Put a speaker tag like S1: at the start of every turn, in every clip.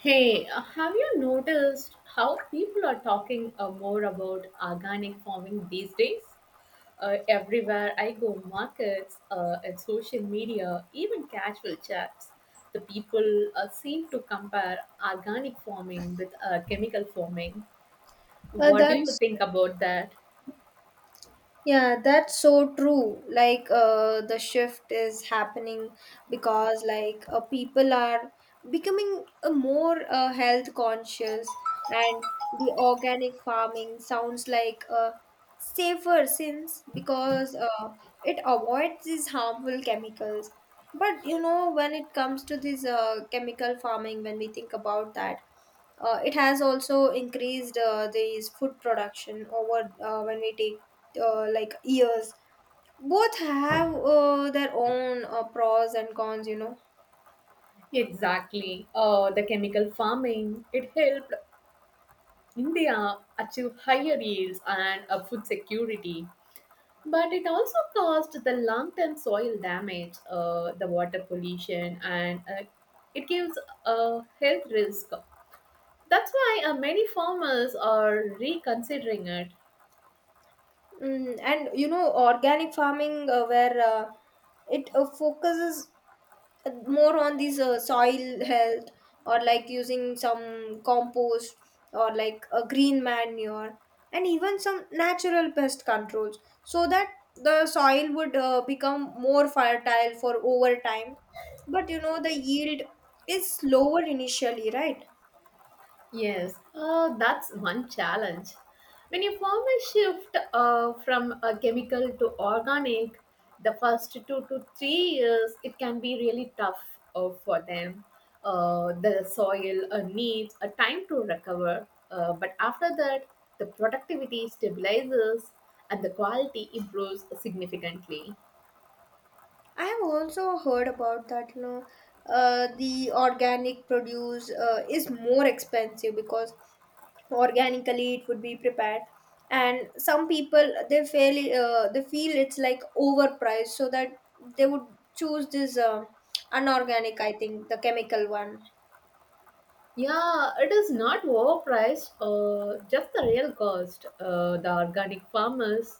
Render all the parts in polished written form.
S1: Hey, have you noticed how people are talking more about organic farming these days? Everywhere I go, markets, at social media, even casual chats, the people seem to compare organic farming with chemical farming. What do you
S2: That's
S1: think about that?
S2: yeah, that's so true. Like, the shift is happening because, like, people are becoming more health conscious, and the organic farming sounds like safer since because it avoids these harmful chemicals. But when it comes to this chemical farming, when we think about that, it has also increased these food production over when we take like years, both have their own pros and cons you know
S1: Exactly. The chemical farming, it helped India achieve higher yields and food security. But it also caused the long term soil damage, the water pollution, and it gives a health risk. That's why many farmers are reconsidering it.
S2: mm, and you know organic farming, where it focuses more on these soil health, or like using some compost, or like a green manure, and even some natural pest controls so that the soil would become more fertile for over time. But the yield is lower initially, right?
S1: Yes, that's one challenge. When you form a shift from a chemical to organic, the first 2 to 3 years, it can be really tough for them. The soil needs a time to recover, but after that, the productivity stabilizes and the quality improves significantly.
S2: I have also heard about that. The organic produce is more expensive because organically it would be prepared, and some people they feel it's like overpriced, so that they would choose this unorganic, I think the chemical one.
S1: Yeah, it is not overpriced, just the real cost. The organic farmers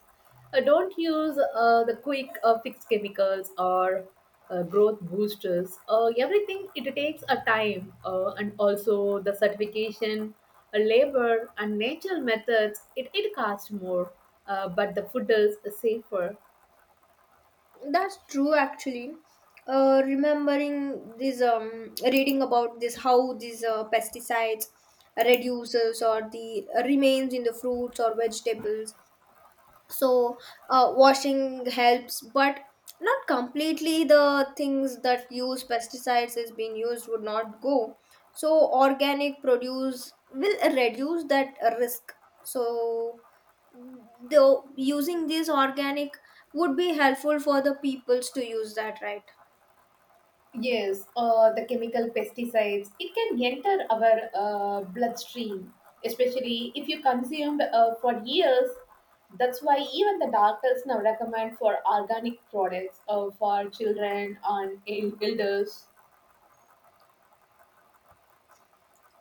S1: don't use the quick fix chemicals or growth boosters. Everything it takes a time and also the certification, labor and natural methods, it costs more, but the food is safer.
S2: That's true, actually. Remembering this, reading about this, how these pesticides reduces or the remains in the fruits or vegetables, so washing helps but not completely, the things that use pesticides is being used would not go, so organic produce will reduce that risk. So though using these organic would be helpful for the peoples to use that, right?
S1: Yes, the chemical pesticides, it can enter our bloodstream, especially if you consumed for years. That's why even the doctors now recommend for organic products for children and elders.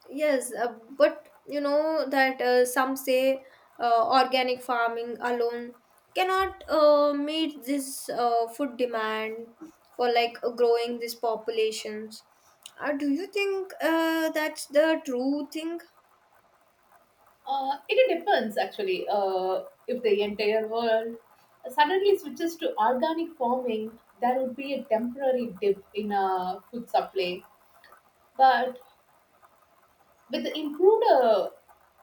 S2: Yes, but you know that some say organic farming alone cannot meet this food demand for like growing these populations. Do you think that's the true thing?
S1: It depends actually if the entire world suddenly switches to organic farming, there would be a temporary dip in food supply. But with the improved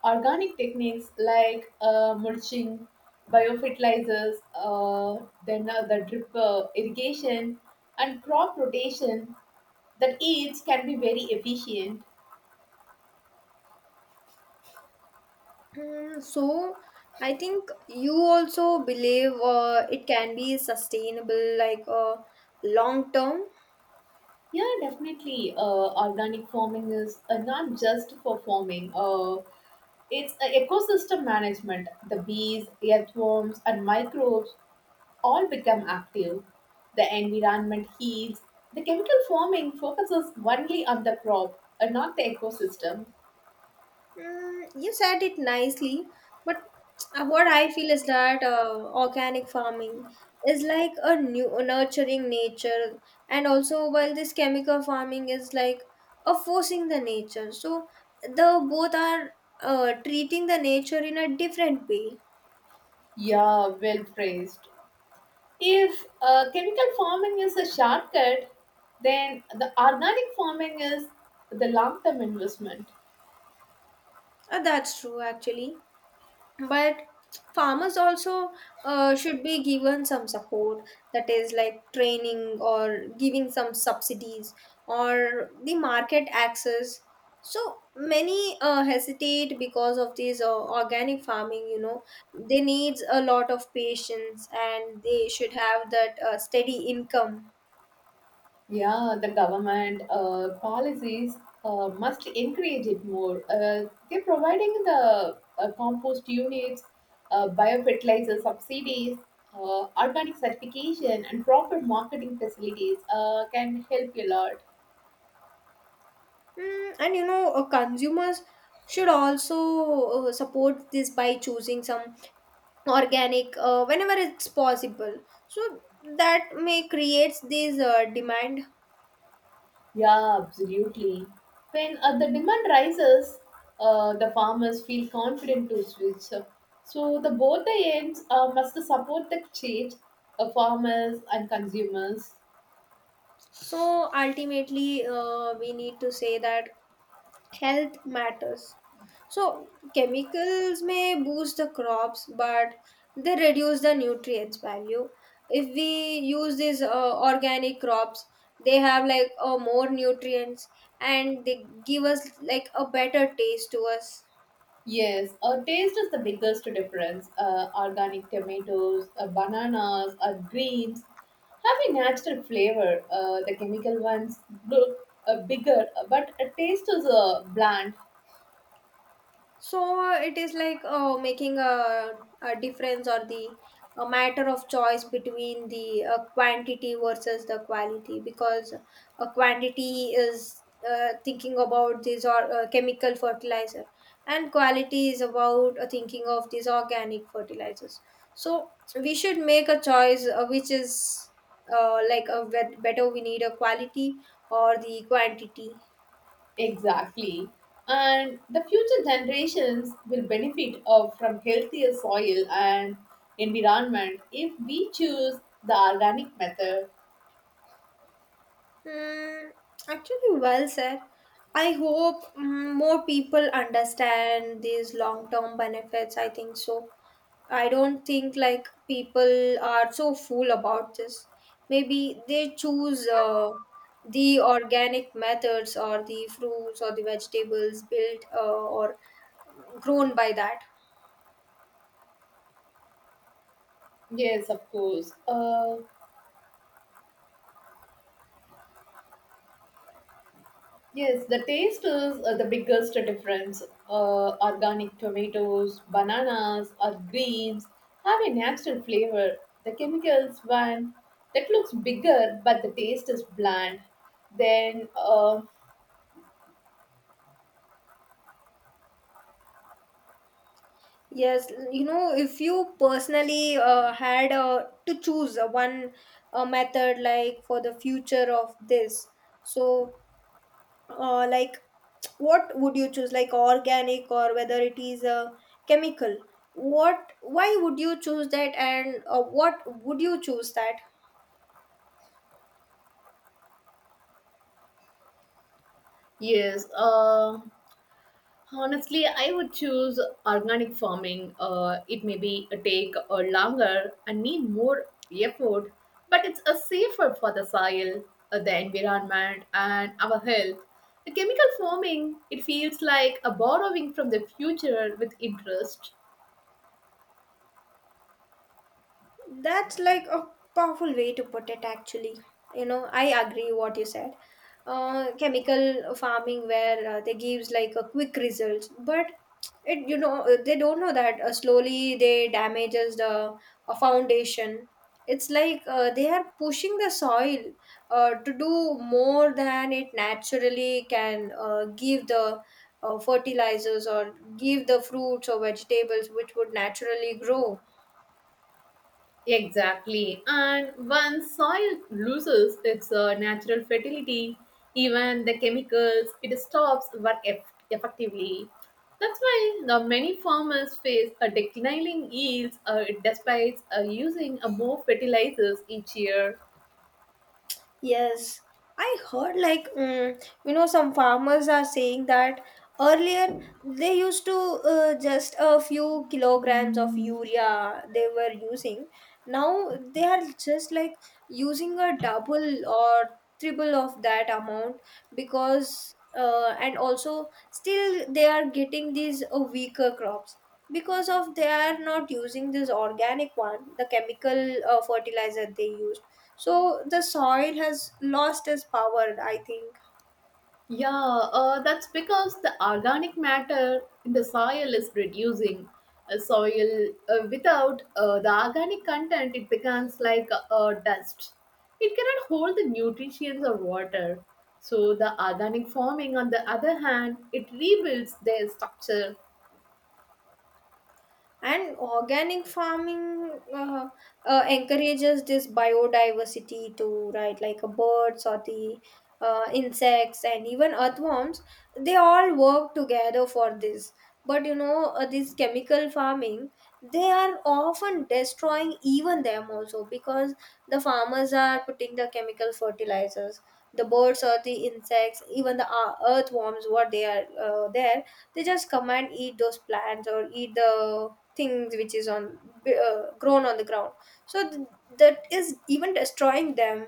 S1: organic techniques like mulching, biofertilizers, then the drip irrigation, and crop rotation, that each can be very efficient.
S2: Hmm, so I think you also believe it can be sustainable, like long term.
S1: Yeah, definitely. Organic farming is not just for farming. It's a ecosystem management. The bees, earthworms, and microbes all become active, the environment heals. The chemical farming focuses only on the crop and not the ecosystem.
S2: Mm, you said it nicely, but what I feel is that organic farming is like a new nurturing nature, and also while this chemical farming is like a forcing the nature. So the both are treating the nature in a different way.
S1: Yeah, well phrased. If chemical farming is a shortcut, then the organic farming is the long term investment.
S2: That's true, actually. But farmers also should be given some support, that is like training or giving some subsidies or the market access. So many hesitate because of this organic farming. They needs a lot of patience, and they should have that steady income.
S1: Yeah, the government policies must encourage it more. They're providing the compost units, biofertilizer subsidies, organic certification, and proper marketing facilities can help a lot.
S2: Mm, and consumers should also support this by choosing some organic whenever it's possible, so that may creates this demand.
S1: Yeah, absolutely. When the demand rises, the farmers feel confident to switch. So the both the ends must support the change, farmers and consumers.
S2: So ultimately, we need to say that health matters. So chemicals may boost the crops but they reduce the nutrients value. If we use these organic crops, they have like more nutrients, and they give us like a better taste to us.
S1: Yes, taste is the biggest difference. Organic tomatoes, bananas, greens have a natural flavor. The chemical ones look bigger, but a taste is bland.
S2: So it is like making a difference, or the a matter of choice between the quantity versus the quality, because a quantity is thinking about this, or chemical fertilizer, and quality is about thinking of these organic fertilizers. So we should make a choice, which is like a better, we need a quality or the quantity.
S1: Exactly. And the future generations will benefit from healthier soil and environment if we choose the organic method.
S2: Mm, actually, well said. I hope more people understand these long term benefits. I think so. I don't think like people are so fool about this. Maybe they choose the organic methods, or the fruits or the vegetables built or grown by that.
S1: Yes, of course. Yes, the taste is the biggest difference. Organic tomatoes, bananas, or greens have a natural flavor. The chemicals one that looks bigger, but the taste is bland. Then,
S2: Yes, if you personally had to choose one method like for the future of this, so like what would you choose, like organic or whether it is chemical? Why would you choose that, and what would you choose that?
S1: yes, honestly, I would choose organic farming. It may be a take or longer and need more effort, but it's a safer for the soil, the environment, and our health. The chemical farming, it feels like a borrowing from the future with interest.
S2: That's like a powerful way to put it, actually. You know, I agree what you said. Chemical farming, where they gives like a quick results, but It you know they don't know that slowly they damages the foundation. It's like they are pushing the soil to do more than it naturally can give the fertilizers, or give the fruits or vegetables which would naturally grow.
S1: Exactly. And once soil loses its natural fertility, even the chemicals, it stops work effectively. That's why the many farmers face a declining yields despite using more fertilizers each year.
S2: Yes, I heard like some farmers are saying that earlier they used to just a few kilograms of urea they were using. Now they are just like using a double or triple of that amount, because and also still they are getting these weaker crops because of they are not using this organic one, the chemical fertilizer they use. So the soil has lost its power, I think.
S1: Yeah, that's because the organic matter in the soil is reducing. A soil without the organic content, it becomes like dust. It cannot hold the nutrients or water. So the organic farming, on the other hand, it rebuilds their structure.
S2: And organic farming encourages this biodiversity to, right, like birds or the insects and even earthworms. They all work together for this. But you know, this chemical farming, they are often destroying even them also, because the farmers are putting the chemical fertilizers. The birds or the insects, even the earthworms, what they are there, they just come and eat those plants or eat the things which is on grown on the ground. So that is even destroying them.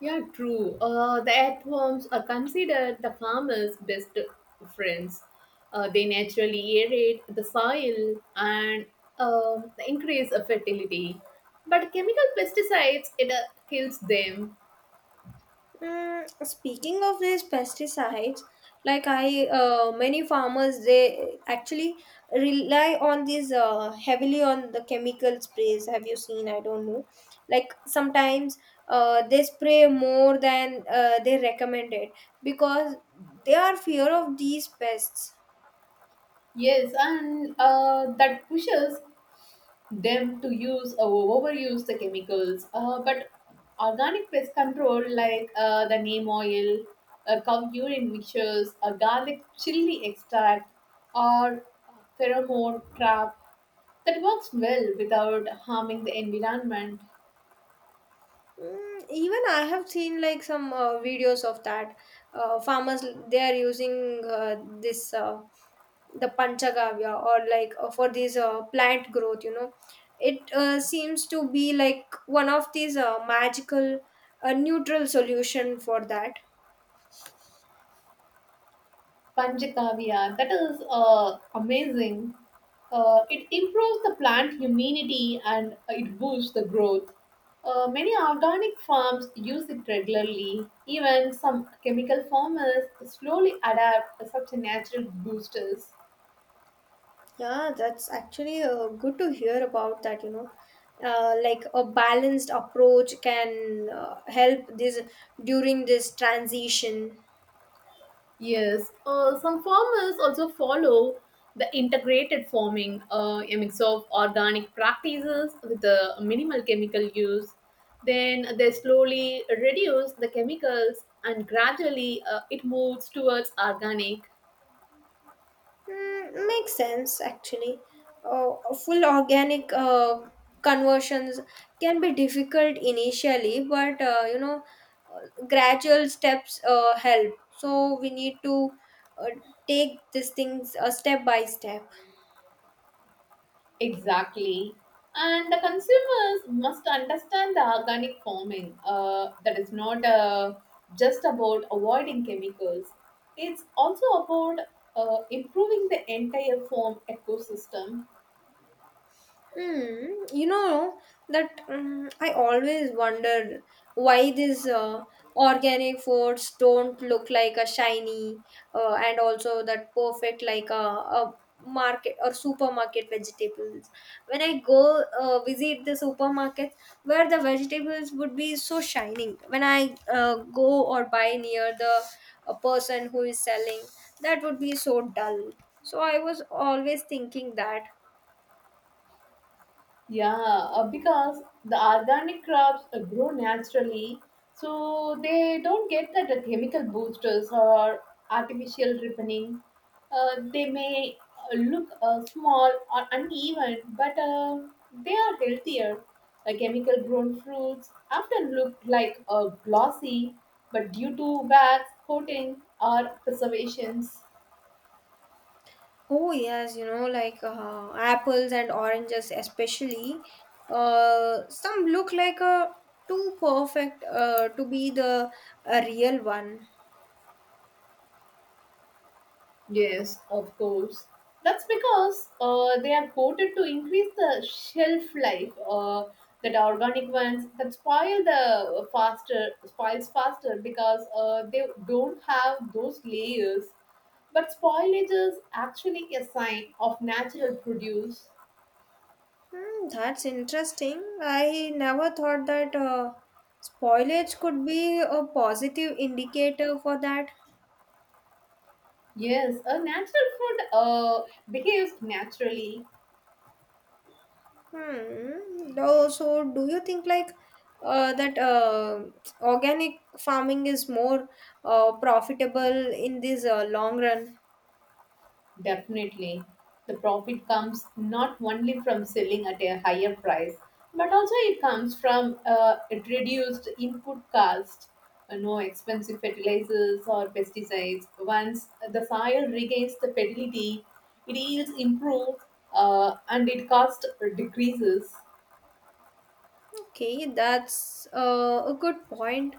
S1: Yeah, true. The earthworms are considered the farmer's best friends. They naturally aerate the soil and uh, increase the fertility. But chemical pesticides, it kills them.
S2: Mm, speaking of these pesticides, like, I many farmers they actually rely on these, heavily on the chemical sprays. Have you seen? I don't know, like sometimes they spray more than they recommended, because they are fear of these pests.
S1: Yes, and that pushes them to use overuse the chemicals. But organic pest control, like the neem oil, cow urine mixtures, a garlic chili extract, or pheromone trap, that works well without harming the environment.
S2: Mm, even I have seen like some videos of that, farmers they are using this the panchagavya, or like for these plant growth. It seems to be like one of these magical neutral solution for that.
S1: Panchakavya. That is amazing. It improves the plant immunity and it boosts the growth. Many organic farms use it regularly. Even some chemical farmers slowly adapt such natural boosters.
S2: Yeah, that's actually good to hear about that, like a balanced approach can help this during this transition.
S1: Yes, some farmers also follow the integrated farming, a mix of organic practices with the minimal chemical use. Then they slowly reduce the chemicals and gradually it moves towards organic.
S2: Mm, makes sense, actually. Full organic conversions can be difficult initially, but gradual steps help. So we need to uh, take these things step by step.
S1: Exactly. And the consumers must understand the organic farming. That is not just about avoiding chemicals, it's also about improving the entire farm ecosystem.
S2: Hmm. You know that I always wonder why these organic foods don't look like a shiny and also that perfect like a market or supermarket vegetables. When I go visit the supermarket where the vegetables would be so shining. When I go or buy near the a person who is selling, that would be so dull. So I was always thinking that.
S1: Yeah, because the organic crops grow naturally, so they don't get that chemical boosters or artificial ripening. They may look small or uneven, but they are healthier. Chemical grown fruits often look like glossy, but due to wax, coating, or preservations.
S2: Oh yes, you know, like apples and oranges especially. Some look like too perfect to be the a real one.
S1: Yes, of course. That's because they are coated to increase the shelf life. That are organic ones that spoil the faster spoils faster because they don't have those layers. But spoilage is actually a sign of natural produce.
S2: Hmm, that's interesting. I never thought that spoilage could be a positive indicator for that.
S1: Yes, a natural food behaves naturally.
S2: Hmm. Though, so, do you think like that organic farming is more profitable in this long run?
S1: Definitely. The profit comes not only from selling at a higher price, but also it comes from it reduced input cost, no expensive fertilizers or pesticides. Once the soil regains the fertility, it yields improve and it cost decreases.
S2: Okay, that's a good point.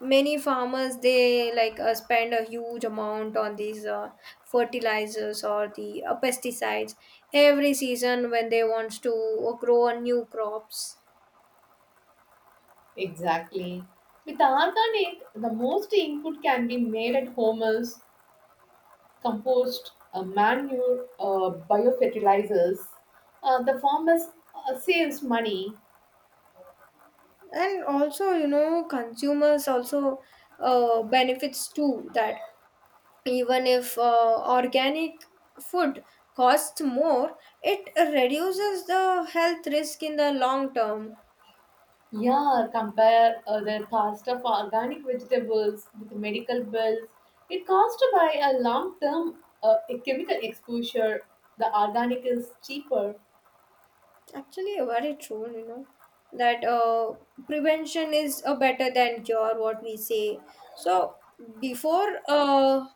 S2: Many farmers they like spend a huge amount on these fertilizers or the pesticides every season when they wants to grow a new crops.
S1: Exactly. With organic, the most input can be made at home compost, manure, biofertilizers. The farmers saves money.
S2: And also, you know, consumers also benefits too, that even if organic food costs more, it reduces the health risk in the long term.
S1: Yeah, compare the cost of organic vegetables with medical bills. It cost by a long term chemical exposure. The organic is cheaper.
S2: Actually, very true, you know, that prevention is better than cure, what we say. So, before uh,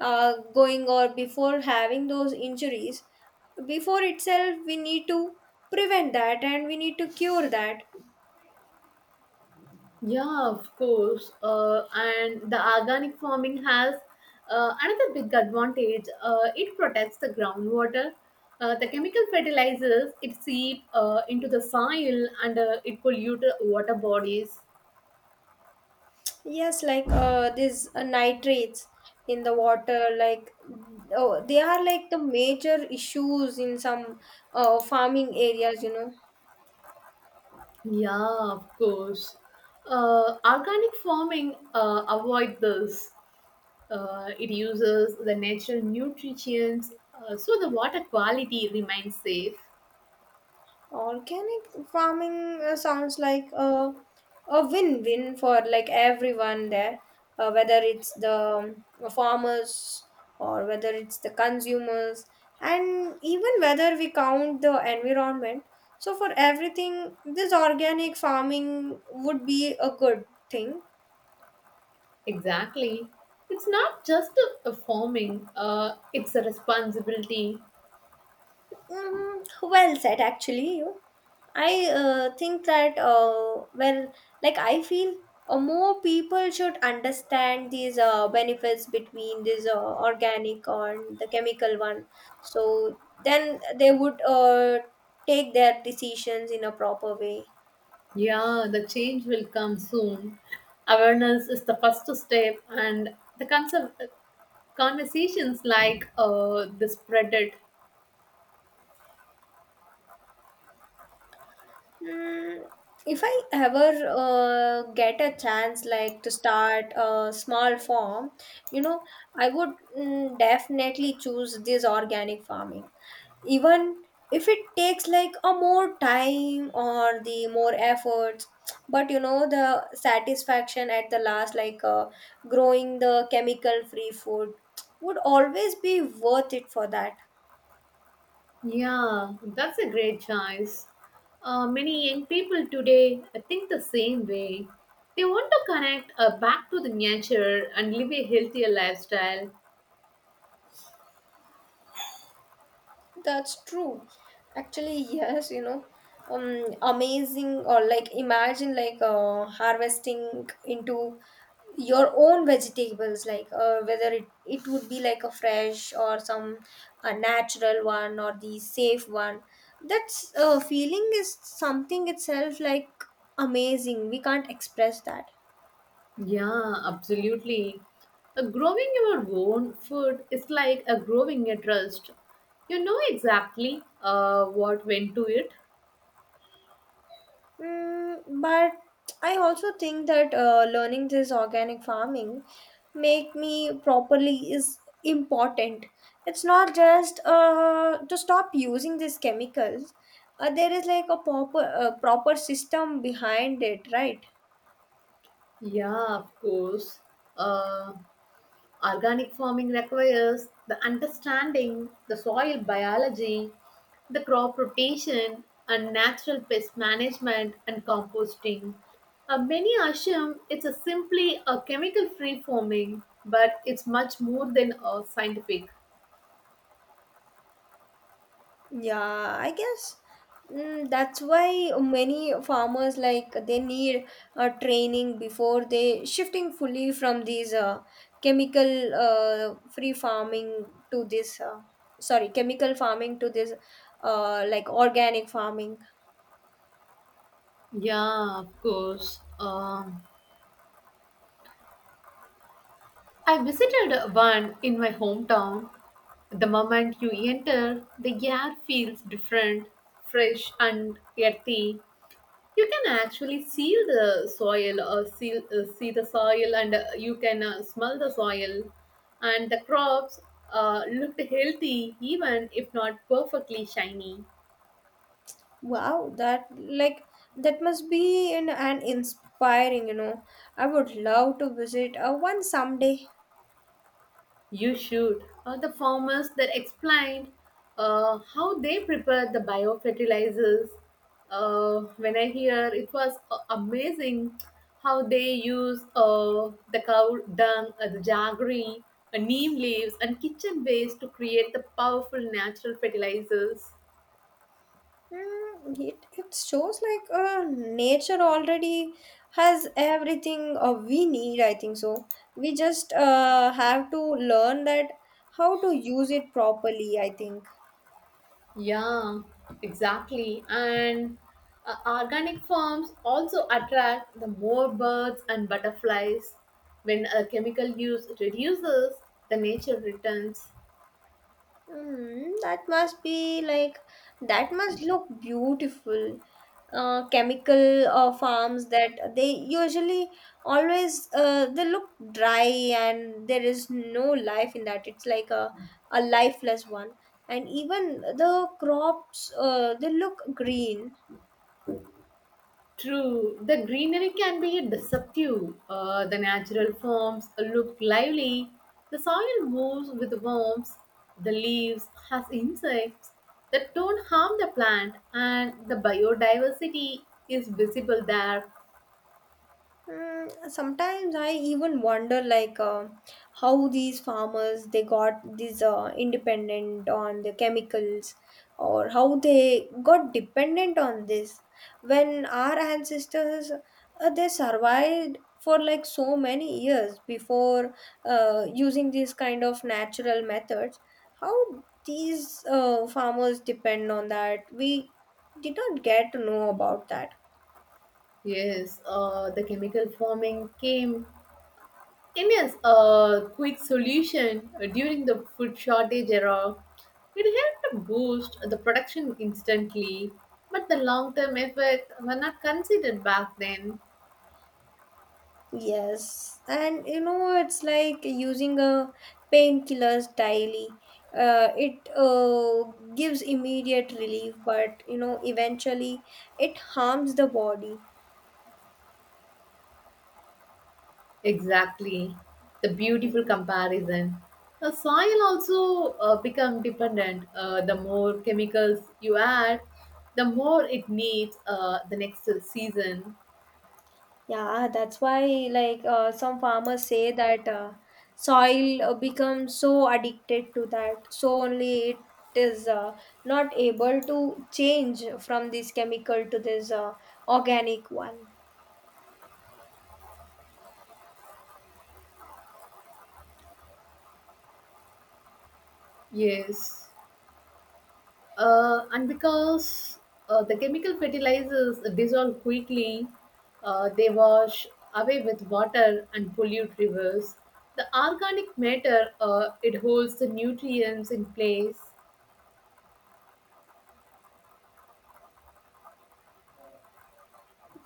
S2: uh, going, or before having those injuries, before itself, we need to prevent that, and we need to cure that.
S1: Yeah, of course. And the organic farming has another big advantage. It protects the groundwater. The chemical fertilizers it seep into the soil and it pollute the water bodies.
S2: Yes, like these nitrates in the water, like, oh, they are like the major issues in some farming areas.
S1: Yeah, of course. Organic farming avoid this. It uses the natural nutrients, so the water quality remains safe.
S2: Organic farming sounds like a win-win for like everyone there, whether it's the farmers, or whether it's the consumers, and even whether we count the environment. So for everything, this organic farming would be a good thing.
S1: Exactly. It's not just a forming, it's a responsibility.
S2: Mm, well said, actually. You. I think that, well, like I feel more people should understand these benefits between this organic and the chemical one. So then they would take their decisions in a proper way.
S1: Yeah, the change will come soon. Awareness is the first step, and the concept, conversations like the spread it.
S2: Mm, if I ever get a chance, like to start a small farm, you know, I would definitely choose this organic farming, even if it takes like a more time or the more efforts. But you know, the satisfaction at the last, like growing the chemical free food, would always be worth it for that.
S1: Yeah, that's a great choice. Many young people today think the same way. They want to connect back to the nature and live a healthier lifestyle.
S2: That's true, actually. Yes, you know, amazing. Or like imagine, like harvesting into your own vegetables, like whether it would be like a fresh or some natural one or the safe one. That's feeling is something itself like amazing, we can't express that.
S1: Yeah, absolutely. Growing your own food is like a growing a trust. You know exactly what went to it.
S2: Mm, but I also think that learning this organic farming make me properly is important. It's not just to stop using these chemicals. There is like a proper system behind it, right?
S1: Yeah, of course. Uh, organic farming requires the understanding, the soil biology, the crop rotation, and natural pest management and composting. Many assume it's a simply a chemical-free farming, but it's much more than a scientific.
S2: Yeah, I guess that's why many farmers like they need training before they shifting fully from these chemical free farming to this sorry chemical farming to this like organic farming.
S1: Yeah, of course. I visited one in my hometown. The moment you enter, the air feels different, fresh and earthy. You can actually see the soil or see the soil and you can smell the soil. And the crops looked healthy even if not perfectly shiny.
S2: Wow, that like that must be an inspiring, you know. I would love to visit one someday.
S1: You should. The farmers that explained how they prepared the biofertilizers. When I hear it was amazing how they use the cow dung, the jaggery, neem leaves, and kitchen waste to create the powerful natural fertilizers.
S2: It shows like nature already has everything we need, I think so. We just have to learn that how to use it properly, I think.
S1: Yeah, exactly. And organic farms also attract the more birds and butterflies. When a chemical use reduces, the nature returns.
S2: Mm, that must be like that must look beautiful. Chemical farms that they usually always they look dry and there is no life in that. It's like a lifeless one. And even the crops they look green.
S1: True, the greenery can be deceptive. The natural forms look lively. The soil moves with worms. The leaves has insects that don't harm the plant, and the biodiversity is visible there.
S2: Mm, sometimes I even wonder like how these farmers they got these independent on the chemicals or how they got dependent on this when our ancestors they survived for like so many years before using these kind of natural methods how these farmers depend on that we did not get to know about that.
S1: Yes, the chemical farming came as a quick solution during the food shortage era. It helped to boost the production instantly, but the long-term effects were not considered back then.
S2: Yes, and you know it's like using a painkillers daily. It gives immediate relief, but you know eventually it harms the body.
S1: Exactly, the beautiful comparison. The soil also become dependent. The more chemicals you add, the more it needs the next season.
S2: Yeah, that's why like some farmers say that soil becomes so addicted to that, so only it is not able to change from this chemical to this organic one.
S1: Yes. And because the chemical fertilizers dissolve quickly, they wash away with water and pollute rivers. The organic matter it holds the nutrients in place.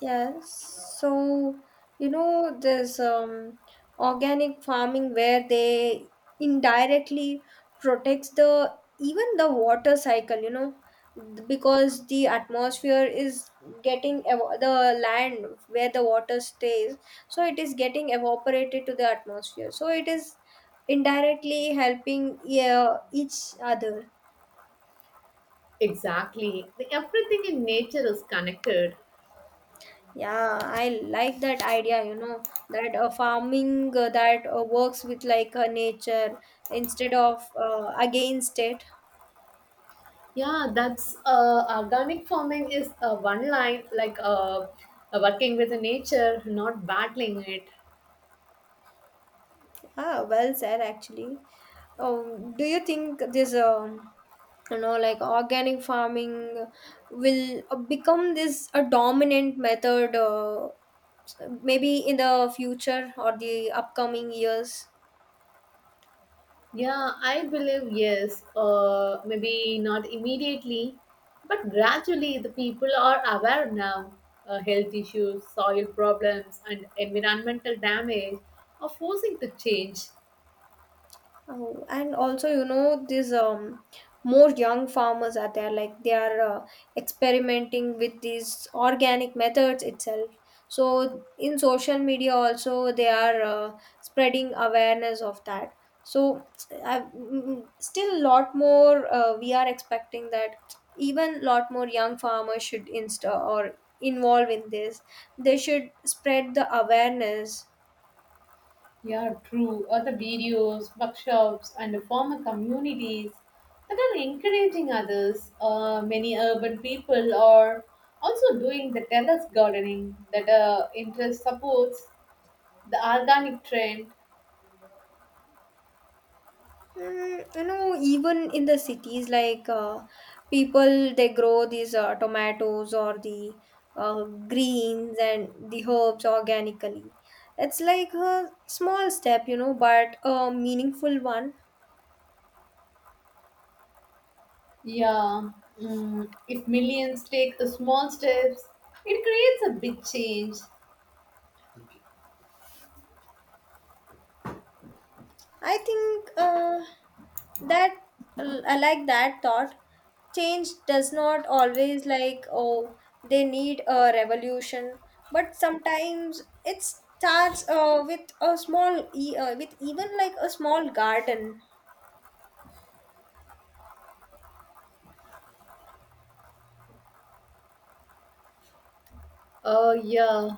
S2: Yes. So, you know, this organic farming where they indirectly protects the even the water cycle, you know, because the atmosphere is the land where the water stays, so it is getting evaporated to the atmosphere. So it is indirectly helping, yeah, each other.
S1: Exactly, everything in nature is connected.
S2: Yeah, I like that idea, you know, that farming that works with like nature instead of against it.
S1: Yeah, that's organic farming is one line like uh, working with the nature, not battling it.
S2: Ah, well said, actually. Do you think you know, like organic farming will become this a dominant method maybe in the future or the upcoming years?
S1: Yeah, I believe yes. Maybe not immediately, but gradually the people are aware now. Health issues, soil problems, and environmental damage are forcing the change.
S2: Oh, and also, you know, these more young farmers are there, like they are experimenting with these organic methods itself. So, in social media, also, they are spreading awareness of that. So, still, lot more we are expecting that even lot more young farmers should insta or involve in this. They should spread the awareness.
S1: Yeah, true. Other videos, workshops, and former communities that are encouraging others. Many urban people are also doing the terrace gardening that interest supports the organic trend.
S2: Mm, you know, even in the cities, like people they grow these tomatoes or the greens and the herbs organically. It's like a small step, you know, but a meaningful one.
S1: Yeah, if millions take the small steps, it creates a big change.
S2: I think that I like that thought. Change does not always like oh they need a revolution, but sometimes it starts with even like a small garden.
S1: Yeah,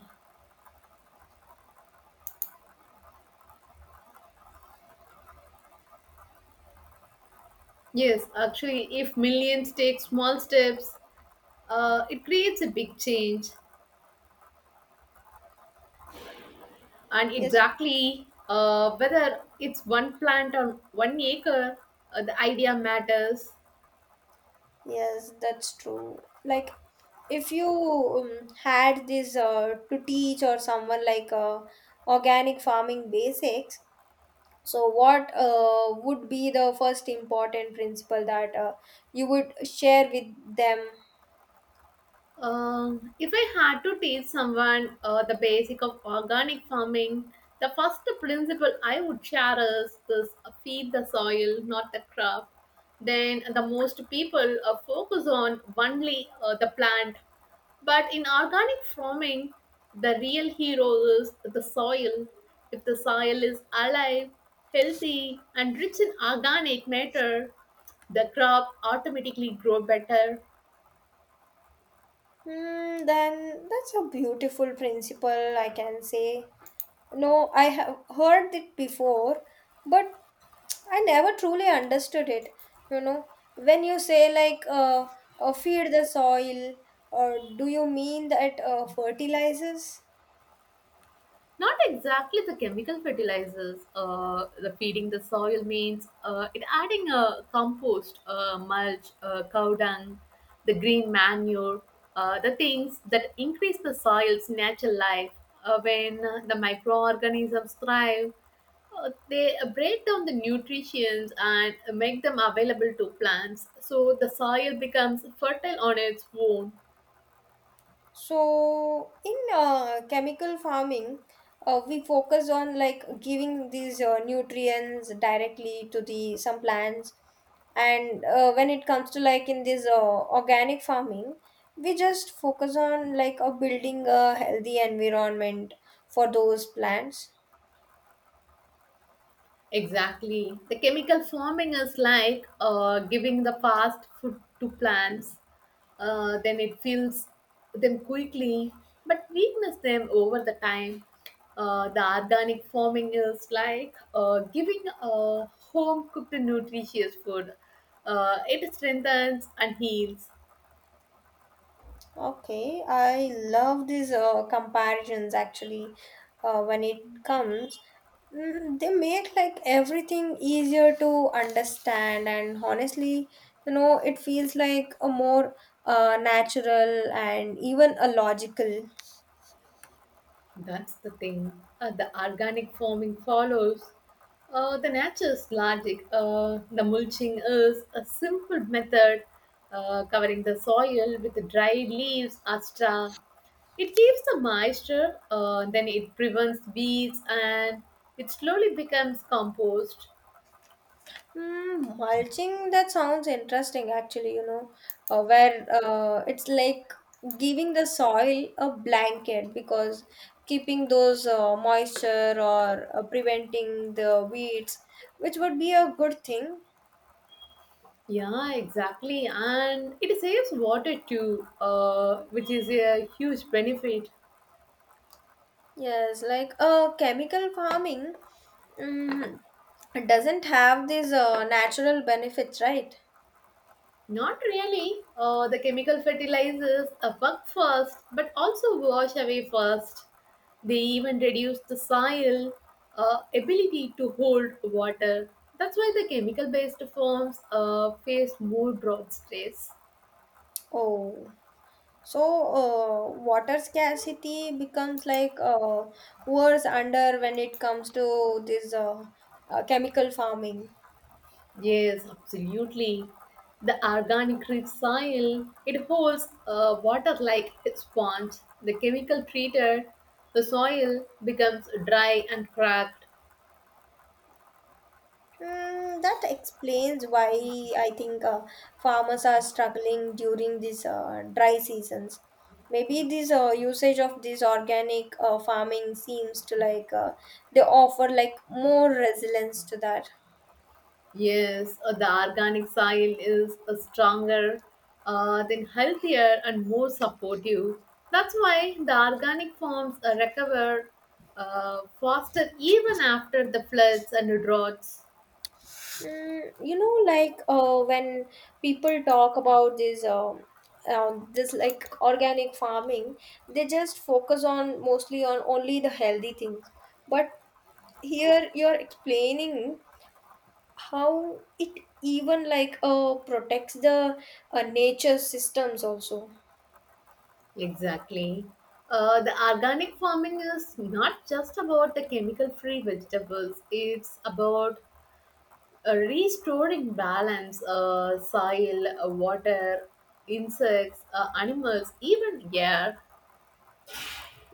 S1: yes, actually, if millions take small steps, it creates a big change. And
S2: Yes,
S1: exactly whether it's one plant on 1 acre, the idea matters.
S2: yes, that's true. Like if you had this to teach or someone like organic farming basics. So, what would be the first important principle that you would share with them?
S1: If I had to teach someone the basic of organic farming, the first principle I would share is this: feed the soil, not the crop. Then the most people focus on only the plant. But in organic farming, the real hero is the soil. If the soil is alive, healthy, and rich in organic matter, the crop automatically grow better.
S2: Hmm, then that's a beautiful principle, I can say. No, I have heard it before, but I never truly understood it. You know, when you say like feed the soil, do you mean that fertilizes?
S1: Not exactly the chemical fertilizers. The feeding the soil means it adding a compost, mulch, cow dung, the green manure, the things that increase the soil's natural life. When the microorganisms thrive, they break down the nutrients and make them available to plants. So the soil becomes fertile on its own.
S2: So in chemical farming, we focus on like giving these nutrients directly to the some plants, and when it comes to like in this organic farming, we just focus on like building a healthy environment for those plants.
S1: Exactly. The chemical farming is like giving the fast food to plants. Then it fills them quickly, but weakness them over the time. The organic farming is like giving home cooked nutritious food. It strengthens and heals.
S2: Okay, I love these comparisons actually when it comes. Mm, they make like everything easier to understand, and honestly, you know, it feels like a more natural and even a logical.
S1: That's the thing. The organic farming follows the nature's logic. The mulching is a simple method covering the soil with dried leaves or straw. It keeps the moisture, then it prevents weeds, and it slowly becomes compost.
S2: Hmm, mulching, that sounds interesting actually, you know, where it's like giving the soil a blanket because keeping those moisture or preventing the weeds, which would be a good thing.
S1: Yeah, exactly. And it saves water too, which is a huge benefit.
S2: Yes, like chemical farming, um, doesn't have these natural benefits, right?
S1: Not really. The chemical fertilizers a bug first, but also wash away first. They even reduce the soil ability to hold water. That's why the chemical based forms face more drought stress.
S2: Oh. So, water scarcity becomes like worse under when it comes to this chemical farming.
S1: Yes, absolutely. The organic rich soil it holds water like a sponge. The chemical treater, the soil becomes dry and cracked.
S2: Hmm, that explains why I think farmers are struggling during these dry seasons. Maybe this usage of this organic farming seems to like they offer like more resilience to that.
S1: Yes, the organic soil is stronger, then healthier and more supportive. That's why the organic farms recover faster even after the floods and the droughts.
S2: Mm, you know like when people talk about this like organic farming they just focus on mostly on only the healthy things but here you're explaining how it even like protects the nature systems also.
S1: Exactly. The organic farming is not just about the chemical free vegetables, it's about restoring balance, soil, water, insects, animals, even air.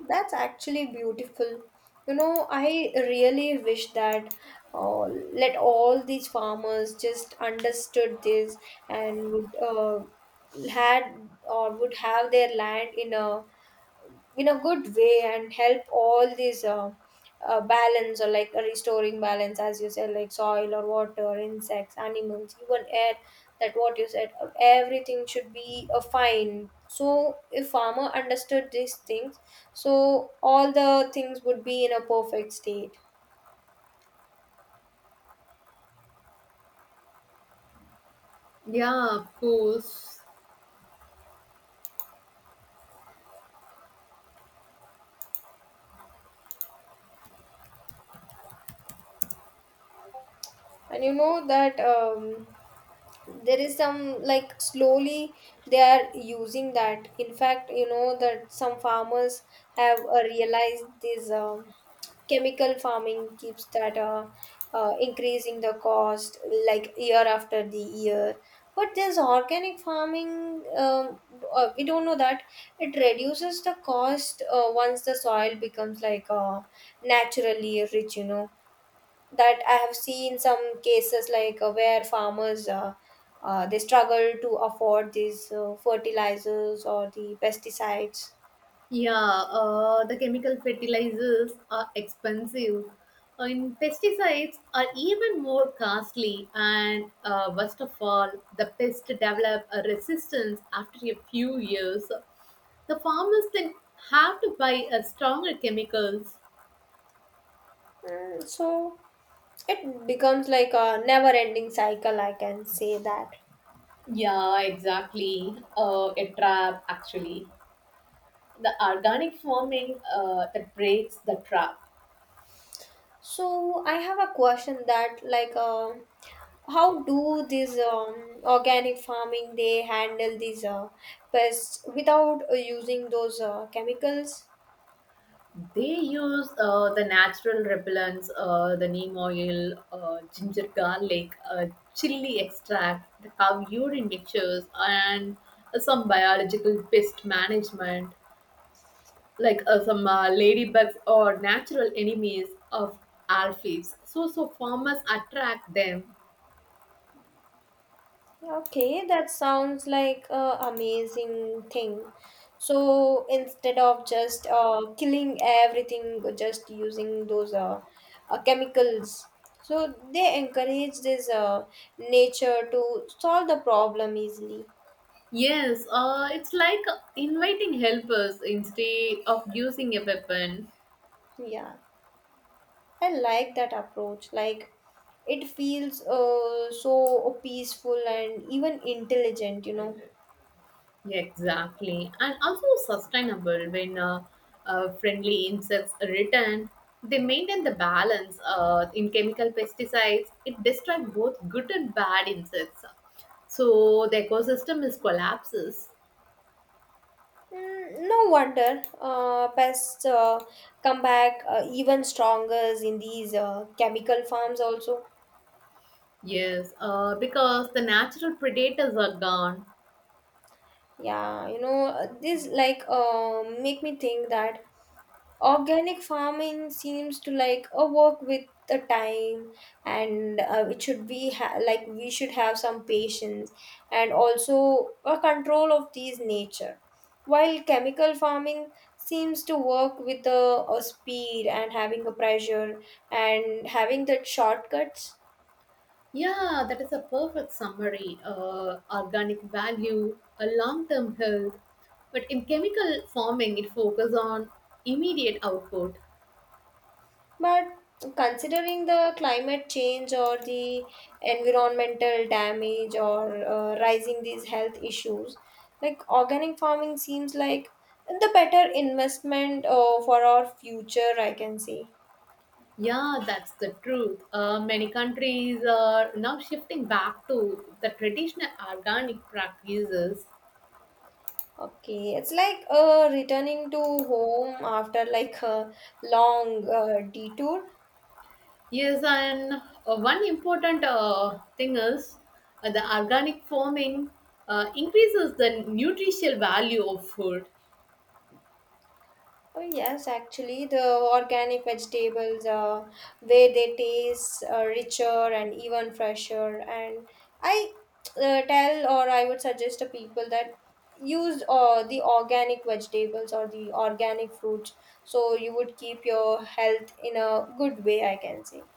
S2: That's actually beautiful. You know, I really wish that uh, let all these farmers just understood this and would had or would have their land in a good way and help all these balance or like restoring balance as you said like soil or water insects animals even air that what you said everything should be a fine so if farmer understood these things so all the things would be in a perfect state.
S1: Yeah, of course.
S2: And you know that there is some like slowly they are using that in fact you know that some farmers have realized this chemical farming keeps that increasing the cost like year after the year but this organic farming we don't know that it reduces the cost once the soil becomes like naturally rich you know that I have seen some cases like where farmers they struggle to afford these fertilizers or the pesticides,
S1: Yeah, the chemical fertilizers are expensive. And pesticides are even more costly, and worst of all, the pests develop a resistance after a few years. The farmers then have to buy a stronger chemicals.
S2: and so it becomes like a never-ending cycle. I can say that.
S1: Yeah, exactly. A trap, actually. The organic farming that breaks the trap.
S2: So I have a question that like how do these organic farming they handle these pests without using those chemicals?
S1: They use the natural repellents, the neem oil, ginger garlic, chili extract, the cow urine mixtures, and some biological pest management, like some ladybugs or natural enemies of aphids. So farmers attract them.
S2: Okay, that sounds like a amazing thing. So instead of just killing everything, just using those chemicals, so they encourage this nature to solve the problem easily.
S1: Yes, it's like inviting helpers instead of using a weapon.
S2: Yeah, I like that approach. Like it feels so peaceful and even intelligent, you know.
S1: Yeah, exactly. And also sustainable when friendly insects return, they maintain the balance in chemical pesticides. It destroys both good and bad insects. So the ecosystem is collapses.
S2: Mm, no wonder pests come back even stronger in these chemical farms also.
S1: Yes, because the natural predators are gone.
S2: Yeah, you know, this like make me think that organic farming seems to like a work with the time and it should be ha- like we should have some patience and also a control of these nature while chemical farming seems to work with the a speed and having a pressure and having the shortcuts.
S1: Yeah, that is a perfect summary. Organic value, a long-term health. But in chemical farming, it focuses on immediate output.
S2: But considering the climate change or the environmental damage or rising these health issues, like organic farming seems like the better investment for our future, I can say.
S1: Yeah, that's the truth. Many countries are now shifting back to the traditional organic practices.
S2: Okay, it's like returning to home after like a long detour.
S1: Yes, and one important thing is the organic farming increases the nutritional value of food.
S2: Oh yes, actually, the organic vegetables, where they taste richer and even fresher. And I tell or I would suggest to people that use the organic vegetables or the organic fruits, so you would keep your health in a good way, I can say.